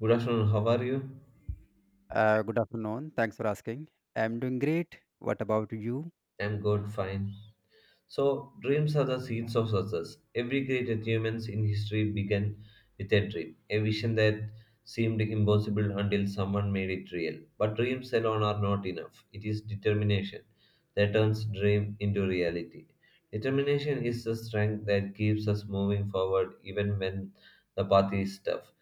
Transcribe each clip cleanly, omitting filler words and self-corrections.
Good afternoon, how are you? Good afternoon. Thanks for asking. I'm doing great. What about you? I'm good, fine. So, dreams are the seeds of success. Every great achievement in history began with a dream, a vision that seemed impossible until someone made it real. But dreams alone are not enough. It is determination that turns dream into reality. Determination is the strength that keeps us moving forward even when the path is tough.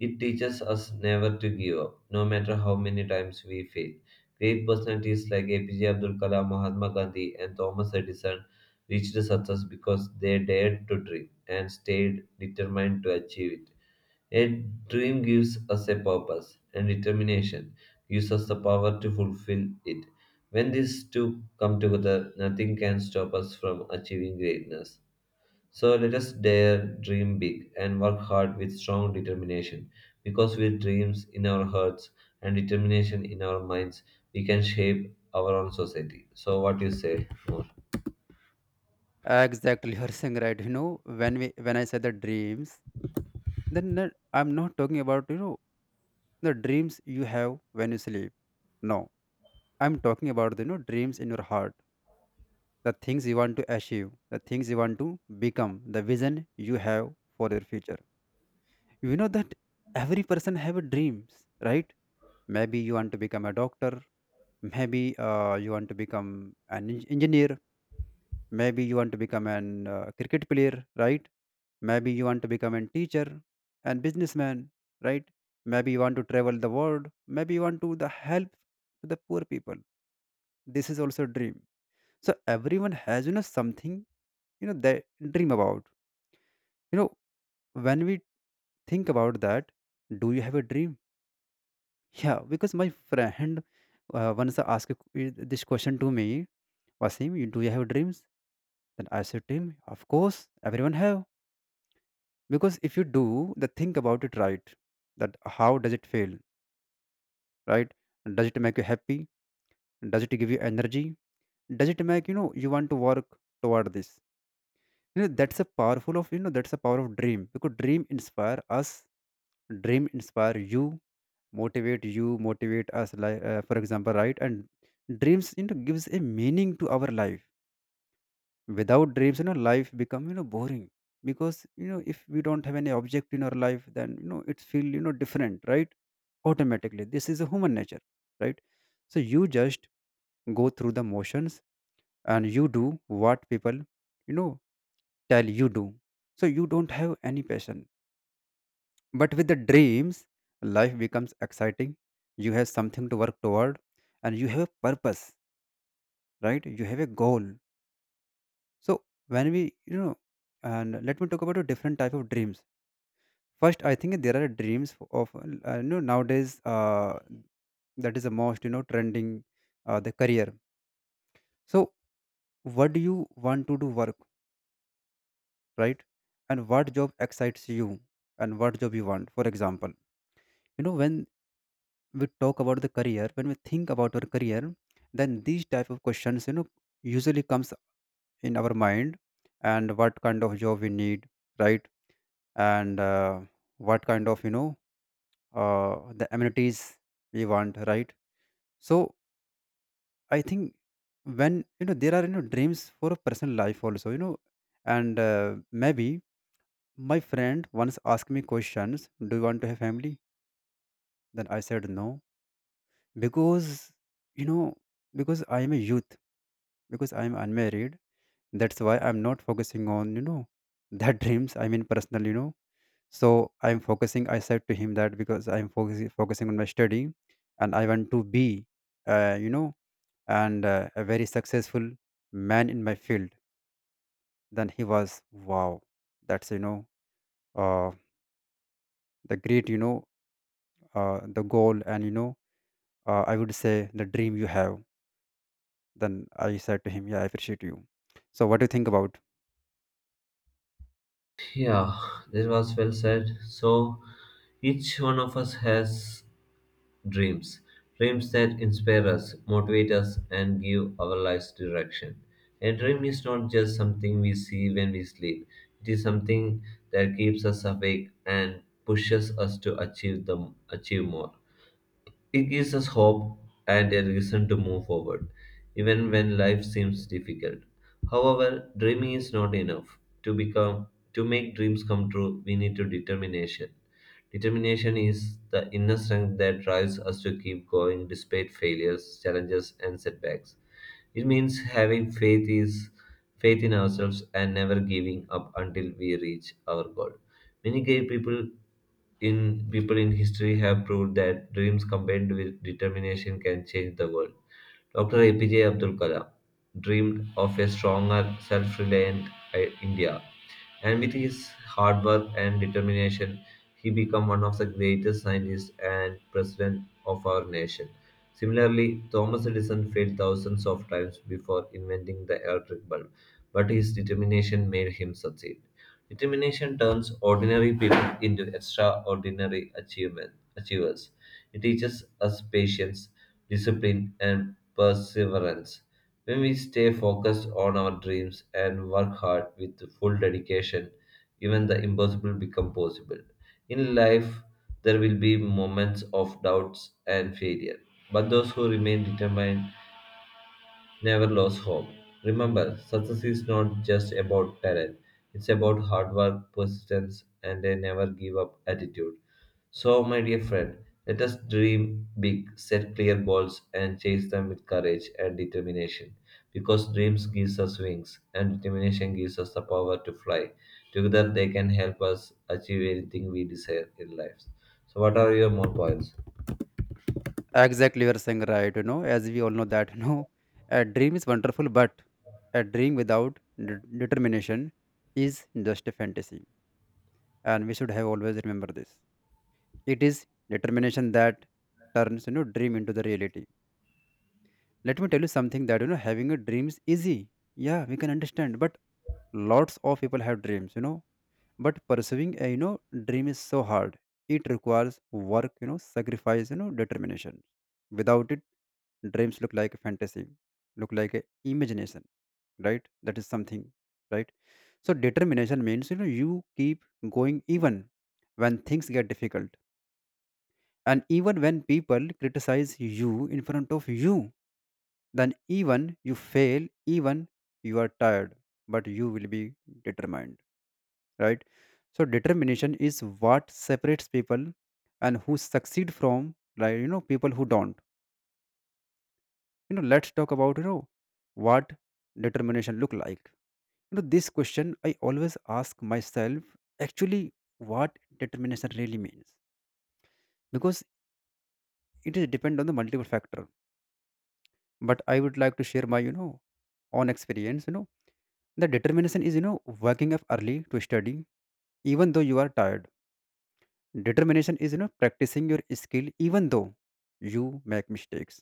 It teaches us never to give up, no matter how many times we fail. Great personalities like APJ Abdul Kalam, Mahatma Gandhi, and Thomas Edison reached success because they dared to dream and stayed determined to achieve it. A dream gives us a purpose, and determination gives us the power to fulfill it. When these two come together, nothing can stop us from achieving greatness. So let us dare dream big and work hard with strong determination. Because with dreams in our hearts and determination in our minds, we can shape our own society. So, what you say more? Exactly, you're saying right. You know, when I say the dreams, then I'm not talking about the dreams you have when you sleep. No, I'm talking about the dreams in your heart, the things you want to achieve, the things you want to become, the vision you have for your future. You know that every person have a dreams, right? Maybe you want to become a doctor, maybe you want to become an engineer. Maybe you want to become an cricket player, right? Maybe you want to become a teacher and businessman, right? Maybe you want to travel the world, maybe you want to the help to the poor people. This is also a dream. So everyone has something they dream about. you know when we think about that, do you have a dream? Yeah, because my friend once asked this question to me, Wasim, do you have dreams? Then I said to him, of course, everyone have. Because if you do the think about it, right, that how does it feel, right? Does it make you happy? Does it give you energy? Does it make you want to work toward this? You know that's a power of dream, because dream inspire us, dream inspire you, motivate you, motivate us, like, for example, right? And dreams gives a meaning to our life. Without dreams, life become boring. Because if we don't have any object in our life, then it feel different, right? Automatically. This is a human nature, right? So you just go through the motions and you do what people, you know, tell you do. So you don't have any passion. But with the dreams, life becomes exciting. You have something to work toward and you have a purpose, right? You have a goal. So when we, you know, and let me talk about a different type of dreams. First, I think there are dreams of nowadays, that is the most trending the career. So, what do you want to do work, right? And what job excites you, and what job you want? For example, when we talk about the career, when we think about our career, then these type of questions usually comes in our mind, and what kind of job we need, right? And what kind of the amenities we want, right? So I think when you know there are dreams for a personal life also. You know and Maybe my friend once asked me questions, do you want to have family? Then I said no, because you know because I am a youth, because I am unmarried, that's why I'm not focusing on that dreams, I mean personal. I said to him that, because I'm focusing on my study, and I want to be, you know and a very successful man in my field. Then he was, wow, that's uh, the great the goal, and I would say, the dream you have. Then I said to him, yeah, I appreciate you. So what do you think about? Yeah, this was well said. So, each one of us has dreams, dreams that inspire us, motivate us, and give our lives direction. A dream is not just something we see when we sleep, it is something that keeps us awake and pushes us to achieve more. It gives us hope and a reason to move forward, even when life seems difficult. However, dreaming is not enough. To become to make dreams come true, we need to determination. Determination is the inner strength that drives us to keep going despite failures, challenges, and setbacks. It means having faith in ourselves and never giving up until we reach our goal. Many great people in history have proved that dreams combined with determination can change the world. Dr. APJ Abdul Kalam dreamed of a stronger, self-reliant India, and with his hard work and determination, he became one of the greatest scientists and president of our nation. Similarly, Thomas Edison failed thousands of times before inventing the electric bulb, but his determination made him succeed. Determination turns ordinary people into extraordinary achievers. It teaches us patience, discipline, and perseverance. When we stay focused on our dreams and work hard with full dedication, even the impossible becomes possible. In life, there will be moments of doubts and failure, but those who remain determined never lose hope. Remember, success is not just about talent, it's about hard work, persistence, and a never give up attitude. So, my dear friend, let us dream big, set clear goals, and chase them with courage and determination. Because dreams gives us wings, and determination gives us the power to fly. Together, they can help us achieve anything we desire in life. So, what are your more points? Exactly, you're saying right. As we all know that, a dream is wonderful, but a dream without determination is just a fantasy, and we should have always remember this. It is determination that turns dream into the reality. Let me tell you something, that having a dream is easy, yeah, we can understand, but lots of people have dreams, but pursuing a dream is so hard. It requires work, sacrifice, determination. Without it, dreams look like a fantasy, look like a imagination, right? That is something, right? So determination means, you keep going even when things get difficult, and even when people criticize you in front of you, then even you fail, even you are tired, but you will be determined, right? So determination is what separates people and who succeed from, like, people who don't. Let's talk about, what determination look like. This question I always ask myself, actually, what determination really means. Because it is depend on the multiple factor, but I would like to share my own experience. The determination is, waking up early to study even though you are tired. Determination is, practicing your skill even though you make mistakes.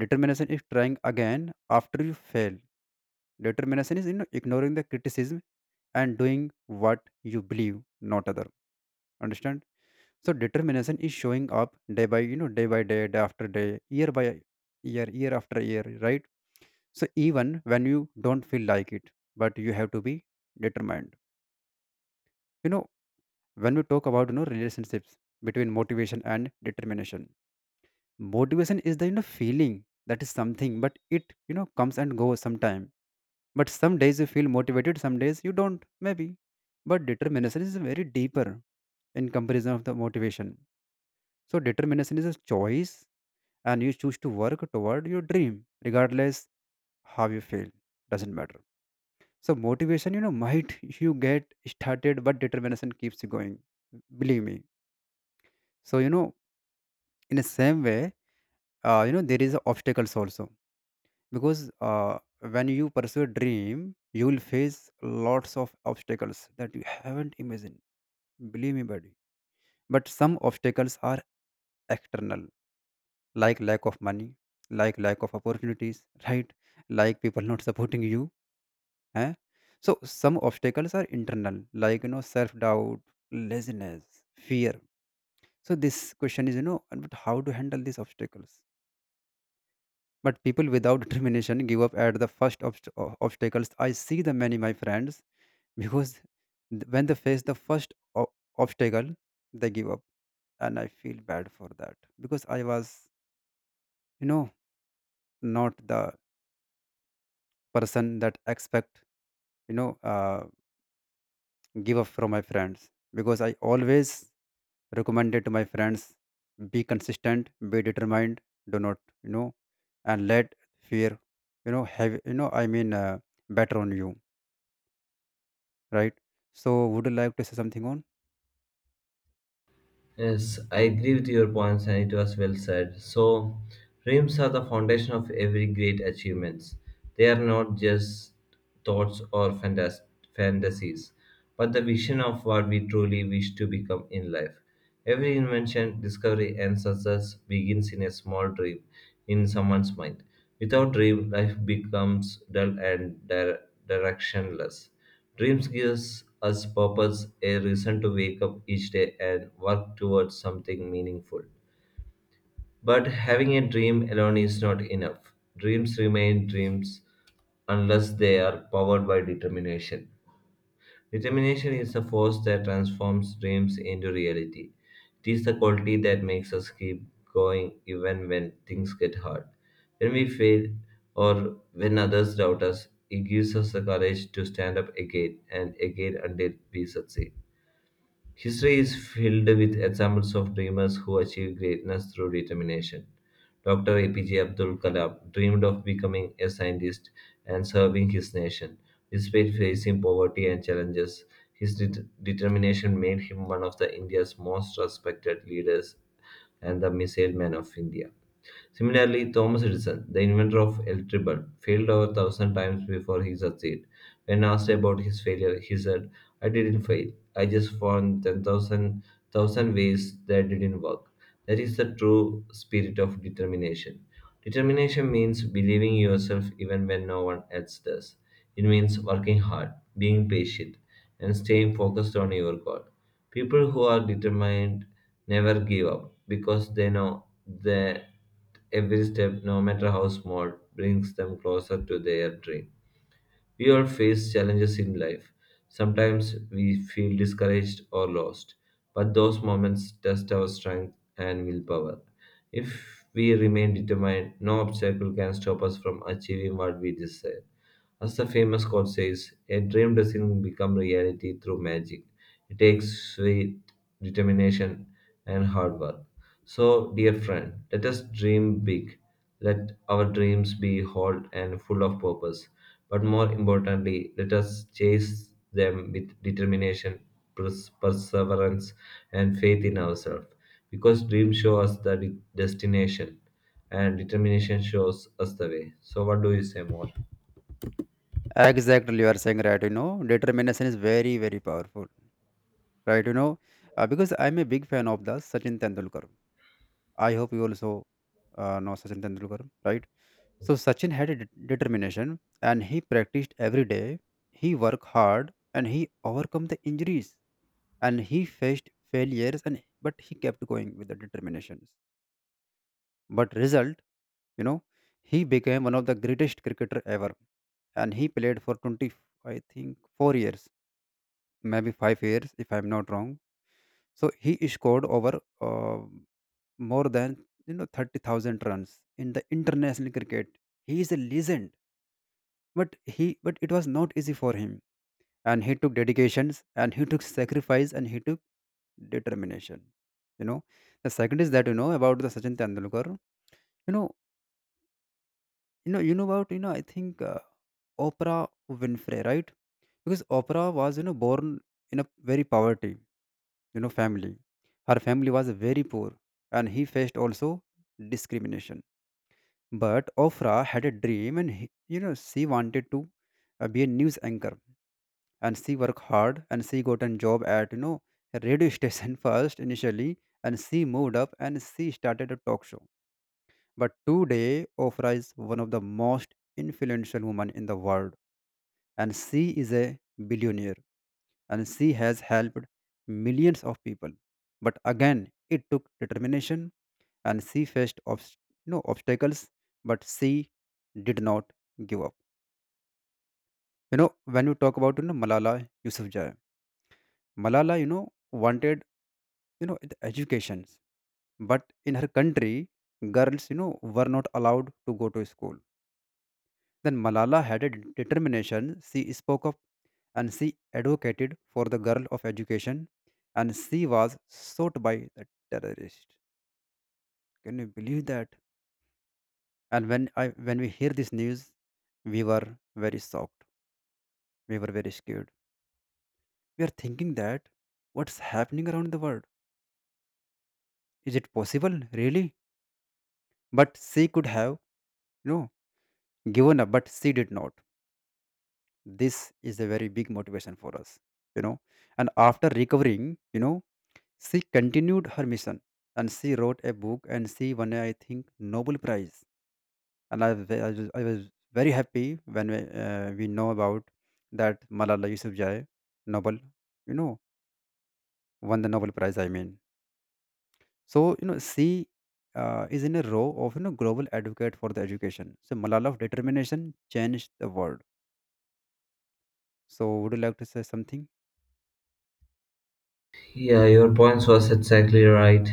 Determination is trying again after you fail. Determination is, ignoring the criticism and doing what you believe, not other understand. So determination is showing up day by day, day after day, year by year, year after year, right? So even when you don't feel like it, but you have to be determined. You know, when we talk about relationships between motivation and determination, motivation is the feeling that is something, but it comes and goes sometime. But some days you feel motivated, some days you don't, maybe. But determination is very deeper in comparison of the motivation. So determination is a choice, and you choose to work toward your dream regardless how you feel. Doesn't matter. So motivation, might you get started, but determination keeps you going. Believe me. So in the same way, there is obstacles also. Because when you pursue a dream, you will face lots of obstacles that you haven't imagined. Believe me, buddy. But some obstacles are external, like lack of money, like lack of opportunities, right? Like people not supporting you. Eh? So some obstacles are internal, like, self-doubt, laziness, fear. So this question is, but how to handle these obstacles? But people without determination give up at the first obstacles. I see the many my friends, because when they face the first obstacle, they give up, and I feel bad for that, because I was, you know, not the person that expect, you know, uh, give up from my friends. Because I always recommended to my friends, be consistent, be determined, do not, you know and let fear, have, I mean, better on you, right? So would you like to say something on? Yes, I agree with your points, and it was well said. So, dreams are the foundation of every great achievements. They are not just thoughts or fantasies, but the vision of what we truly wish to become in life. Every invention, discovery, and success begins in a small dream in someone's mind. Without dream, life becomes dull and directionless. Dreams gives us purpose, a reason to wake up each day and work towards something meaningful. But having a dream alone is not enough. Dreams remain dreams unless they are powered by determination. Determination is the force that transforms dreams into reality. It is the quality that makes us keep going even when things get hard. When we fail or when others doubt us, it gives us the courage to stand up again and again until we succeed. History is filled with examples of dreamers who achieved greatness through determination. Dr. APJ Abdul Kalam dreamed of becoming a scientist and serving his nation. Despite facing poverty and challenges, his determination made him one of the India's most respected leaders and the missile man of India. Similarly, Thomas Edison, the inventor of electric bulb, failed over a thousand times before he succeeded. When asked about his failure, he said, I didn't fail. I just found 10,000 thousand ways that didn't work. That is the true spirit of determination. Determination means believing in yourself even when no one else does. It means working hard, being patient, and staying focused on your goal. People who are determined never give up because they know that every step, no matter how small, brings them closer to their dream. We all face challenges in life. Sometimes we feel discouraged or lost, but those moments test our strength and willpower. If we remain determined, no obstacle can stop us from achieving what we desire. As the famous quote says, a dream doesn't become reality through magic. It takes sweet determination, and hard work. So, dear friend, let us dream big. Let our dreams be whole and full of purpose. But more importantly, let us chase them with determination, perseverance, and faith in ourselves. Because dreams show us the destination, and determination shows us the way. So, what do you say more? Exactly, you are saying right. Determination is very very powerful, right? Because I'm a big fan of the Sachin Tendulkar, I hope you also, know Sachin Tendulkar, right? So Sachin had a determination, and he practiced every day, he worked hard, and he overcome the injuries, and he faced failures, and but he kept going with the determinations. But result, you know he became one of the greatest cricketer ever, and he played for 20, I think 4 years, maybe 5 years, if I'm not wrong. So he scored over, uh, more than, 30,000 runs in the international cricket. He is a legend, but it was not easy for him. And he took dedications, and he took sacrifice, and he took determination, you know the second is that, about the Sachin Tendulkar, you know about, I think, Oprah Winfrey, right? Because Oprah was, born in a very poverty, family, her family was very poor, and he faced also discrimination. But Oprah had a dream, and he, she wanted to, be a news anchor, and she worked hard, and she got a job at, a radio station first initially, and she moved up, and she started a talk show. But today Ofra is one of the most influential women in the world, and she is a billionaire, and she has helped millions of people. But again, it took determination, and she faced obstacles, but she did not give up. When you talk about, Malala Yousafzai, Malala, wanted, the educations, but in her country, girls, were not allowed to go to school. Then Malala had a determination, she spoke up, and she advocated for the girl of education, and she was shot by the terrorist. Can you believe that? And when we hear this news, we were very shocked, we were very scared, we are thinking that, what's happening around the world, is it possible, really? But she could have, you know Given up, but she did not. This is a very big motivation for us you know and after recovering, she continued her mission. And she wrote a book and she won a, I think, Nobel Prize. And I was very happy when we know about that Malala Yousafzai nobel you know won the Nobel Prize, I mean. So, she is in a row of global advocate for the education. So Malala of determination changed the world. So would you like to say something? Yeah, your points was exactly right.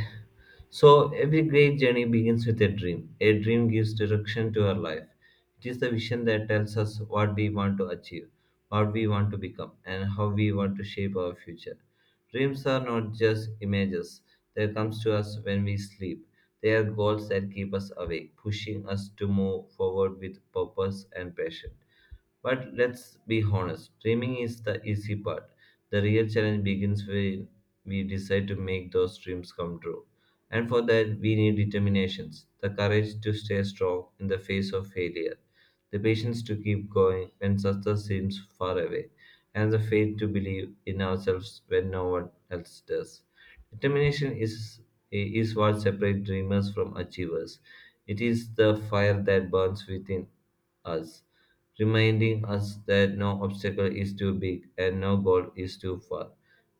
So every great journey begins with a dream. A dream gives direction to our life. It is the vision that tells us what we want to achieve, what we want to become, and how we want to shape our future. Dreams are not just images that comes to us when we sleep. They are goals that keep us awake, pushing us to move forward with purpose and passion. But let's be honest, dreaming is the easy part. The real challenge begins when we decide to make those dreams come true. And for that, we need determinations, the courage to stay strong in the face of failure, the patience to keep going when success seems far away, and the faith to believe in ourselves when no one else does. Determination is what separates dreamers from achievers. It is the fire that burns within us reminding us that no obstacle is too big and no goal is too far.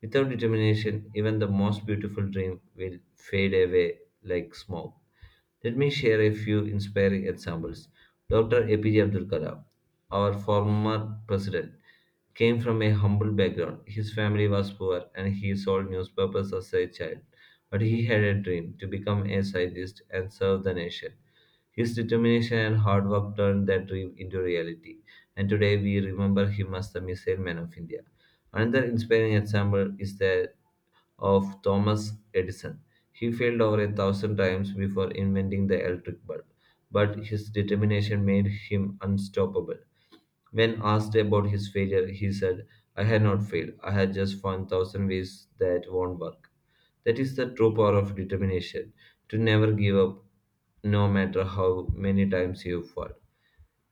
Without determination, even the most beautiful dream will fade away like smoke. Let me share a few inspiring examples. Dr. APJ Abdul Kalam, our former president, came from a humble background. His family was poor and he sold newspapers as a child. But he had a dream to become a scientist and serve the nation. His determination and hard work turned that dream into reality, and today we remember him as the Missile Man of India. Another inspiring example is that of Thomas Edison. He failed over a thousand times before inventing the electric bulb, but his determination made him unstoppable. When asked about his failure, he said, I had not failed. I had just found thousand ways that won't work. That is the true power of determination to never give up, no matter how many times you fall.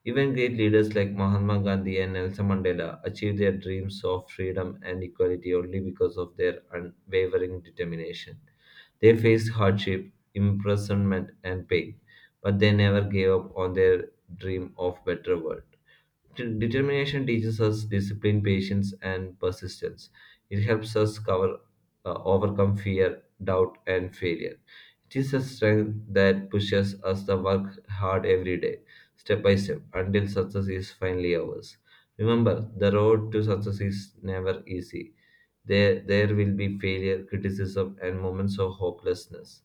Even great leaders like Mahatma Gandhi and Nelson Mandela achieved their dreams of freedom and equality only because of their unwavering determination. They faced hardship, imprisonment, and pain, but they never gave up on their dream of better world. Determination teaches us discipline, patience, and persistence. It helps us overcome fear, doubt, and failure. It is a strength that pushes us to work hard every day, step by step, until success is finally ours. Remember, the road to success is never easy. There will be failure, criticism, and moments of hopelessness.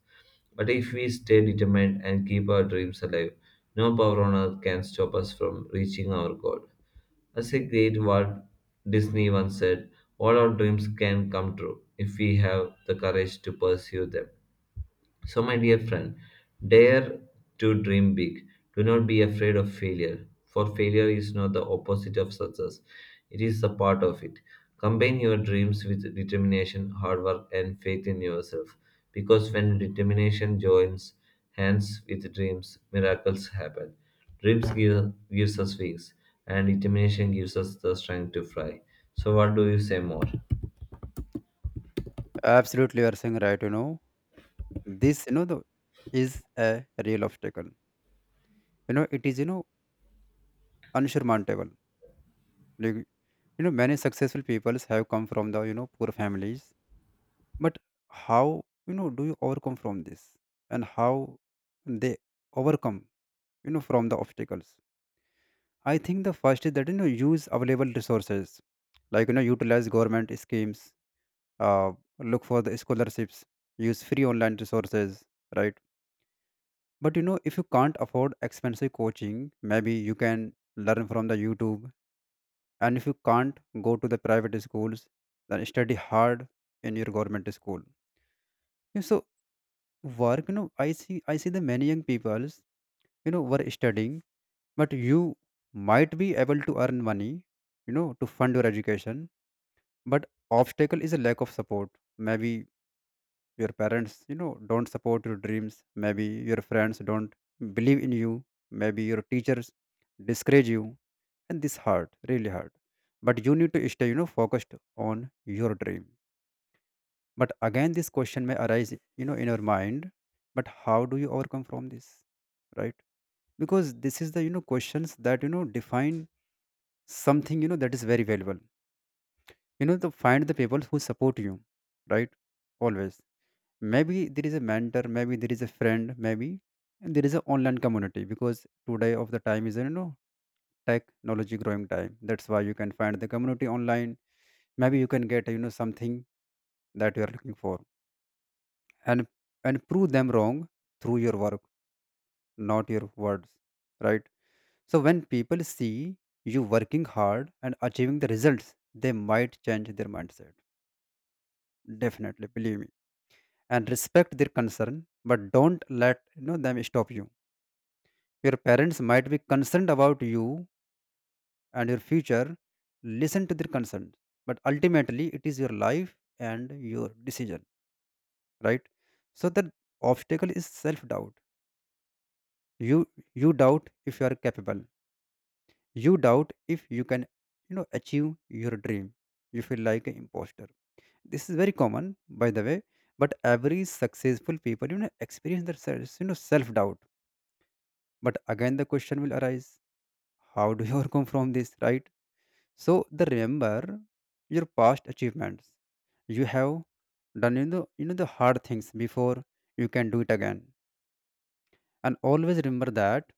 But if we stay determined and keep our dreams alive, no power on earth can stop us from reaching our goal. As a great Walt Disney once said, all our dreams can come true if we have the courage to pursue them. So, my dear friend, dare to dream big. Do not be afraid of failure, for failure is not the opposite of success, it is a part of it. Combine your dreams with determination, hard work, and faith in yourself, because when determination joins hands with dreams, miracles happen. Dreams gives us wings, and determination gives us the strength to fly. So, what do you say more? Absolutely, you are saying right. This is a real obstacle. It is, unsurmountable. Like, many successful people have come from the poor families. But how do you overcome from this? And how they overcome from the obstacles? I think the first is that use available resources. Like, utilize government schemes, uh, look for the scholarships, use free online resources, right? But if you can't afford expensive coaching, maybe you can learn from the YouTube. And if you can't go to the private schools, then study hard in your government school. Yeah, so work, I see the many young peoples, were studying, but you might be able to earn money, to fund your education. But obstacle is a lack of support. Maybe your parents don't support your dreams. Maybe your friends don't believe in you. Maybe your teachers discourage you, and this hurt really hurt. But you need to stay focused on your dream. But again, this question may arise in your mind. But how do you overcome from this, right? Because this is the questions that define something, that is very valuable, to find the people who support you, right. Always, maybe there is a mentor, maybe there is a friend, maybe there is an online community, because today of the time is technology growing time. That's why you can find the community online. Maybe you can get something that you are looking for. And and prove them wrong through your work, not your words, right. So when people see you working hard and achieving the results, they might change their mindset. Definitely, believe me. And respect their concern, but don't let them stop you. Your parents might be concerned about you and your future. Listen to their concerns. But ultimately, it is your life and your decision, right? So the obstacle is self-doubt. You you doubt if you are capable. You doubt if you can achieve your dream. You feel like an imposter. This is very common, by the way. But every successful people experience their self-doubt. But again, the question will arise: how do you overcome from this, right? So they remember your past achievements. You have done the hard things before. You can do it again. And always remember that,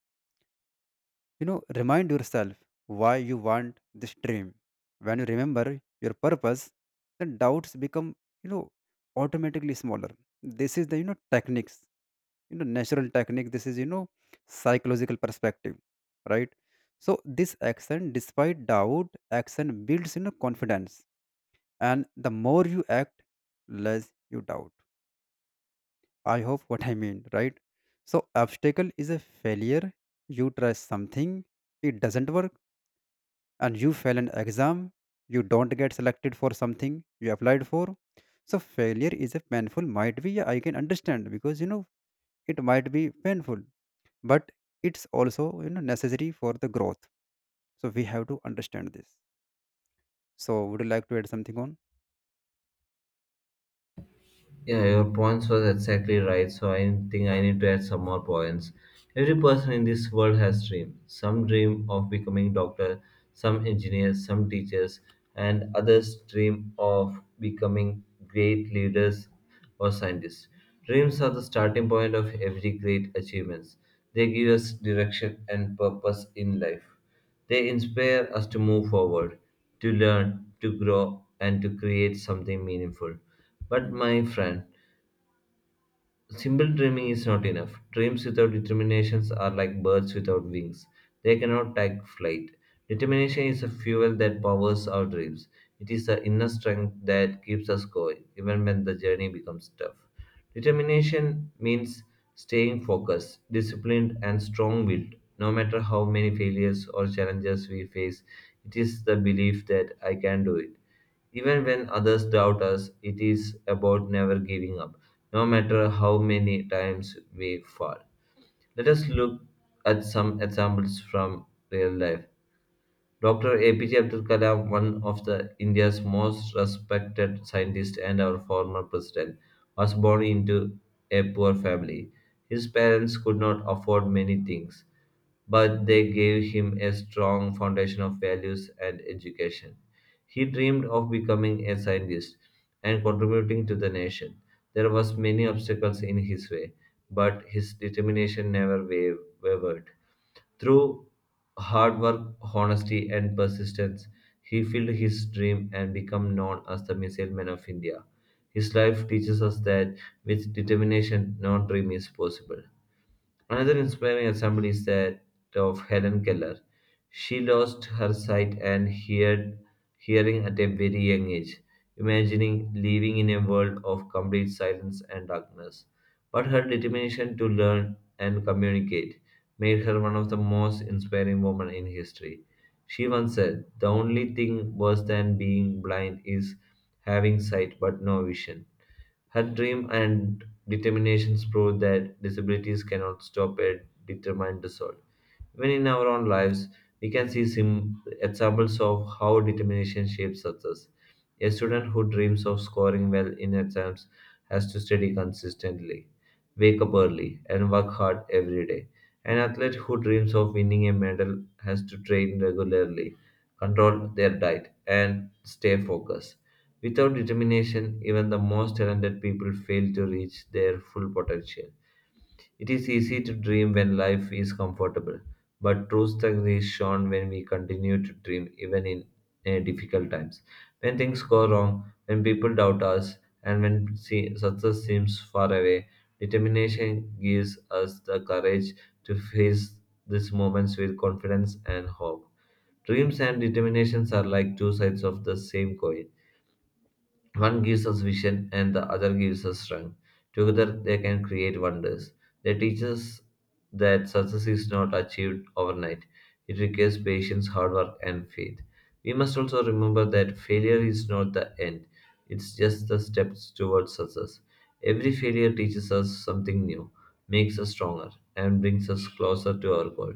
you know, remind yourself why you want this dream. When you remember your purpose, then doubts become, you know, automatically smaller. This is the natural technique. This is psychological perspective, right? So this action, despite doubt, action builds confidence, and the more you act, less you doubt. I hope what I mean, right? So obstacle is a failure. You try something, it doesn't work. And you fail an exam, you don't get selected for something you applied for. So failure is a painful, might be. Yeah, I can understand because it might be painful. But it's also necessary for the growth. So we have to understand this. So would you like to add something on? Yeah, your points was exactly right. So I think I need to add some more points. Every person in this world has dream. Some dream of becoming doctor, some engineers, some teachers, and others dream of becoming great leaders or scientists. Dreams are the starting point of every great achievements. They give us direction and purpose in life. They inspire us to move forward, to learn, to grow, and to create something meaningful. But, my friend, simple dreaming is not enough. Dreams without determinations are like birds without wings. They cannot take flight. Determination is a fuel that powers our dreams. It is the inner strength that keeps us going, even when the journey becomes tough. Determination means staying focused, disciplined, and strong willed. No matter how many failures or challenges we face, it is the belief that I can do it. Even when others doubt us, it is about never giving up, no matter how many times we fall. Let us look at some examples from real life. Dr. APJ Abdul Kalam, one of the India's most respected scientists and our former president, was born into a poor family. His parents could not afford many things, but they gave him a strong foundation of values and education. He dreamed of becoming a scientist and contributing to the nation. There was many obstacles in his way, but his determination never wavered. Through hard work, honesty, and persistence, he filled his dream and became known as the Missile Man of India. His life teaches us that with determination, no dream is possible. Another inspiring example is that of Helen Keller. She lost her hearing at a very young age, imagining living in a world of complete silence and darkness. But her determination to learn and communicate made her one of the most inspiring women in history. She once said, The only thing worse than being blind is having sight but no vision. Her dream and determinations prove that disabilities cannot stop a determined result. Even in our own lives, we can see examples of how determination shapes success. A student who dreams of scoring well in exams has to study consistently, wake up early, and work hard every day. An athlete who dreams of winning a medal has to train regularly, control their diet, and stay focused. Without determination, even the most talented people fail to reach their full potential. It is easy to dream when life is comfortable, but true strength is shown when we continue to dream even in difficult times. When things go wrong, when people doubt us, and when success seems far away, determination gives us the courage to face these moments with confidence and hope. Dreams and determinations are like two sides of the same coin, one gives us vision and the other gives us strength. Together, they can create wonders. They teach us that success is not achieved overnight. It requires patience, hard work, and faith. We must also remember that failure is not the end, it's just the steps towards success. Every failure teaches us something new, makes us stronger, and brings us closer to our goal.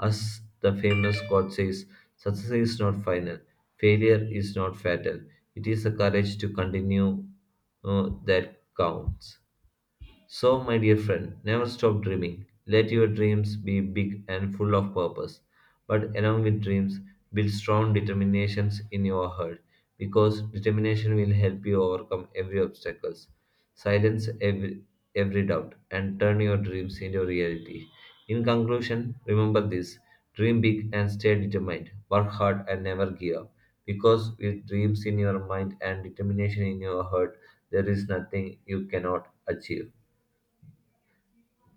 As the famous quote says, success is not final, failure is not fatal. It is the courage to continue that counts. So, my dear friend, never stop dreaming. Let your dreams be big and full of purpose. But along with dreams, build strong determinations in your heart because determination will help you overcome every obstacles, silence every doubt, and turn your dreams into reality. In conclusion, remember this, dream big and stay determined, work hard and never give up. Because with dreams in your mind and determination in your heart, there is nothing you cannot achieve.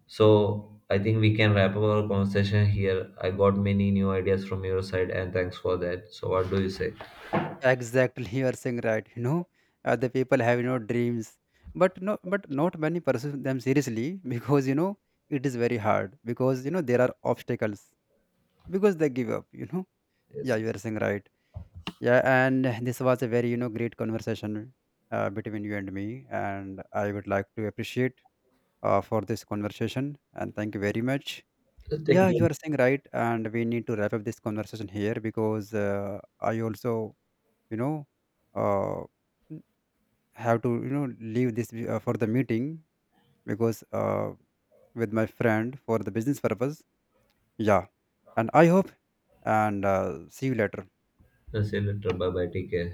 So I think we can wrap up our conversation here. I got many new ideas from your side, and thanks for that. So what do you say? Exactly, you are saying right. The people have dreams, but not many pursue them seriously because it is very hard, because there are obstacles, because they give up. Yeah, you Yes. are saying right. Yeah, and this was a very great conversation, between you and me, and I would like to appreciate, for this conversation, and thank you very much. Yeah, Thank you you. are saying right, and we need to wrap up this conversation here because, I also you know. Uh, have to leave this, for the meeting, because, with my friend for the business purpose. Yeah. And I hope. And, see you later. See you later. Bye bye. Take care.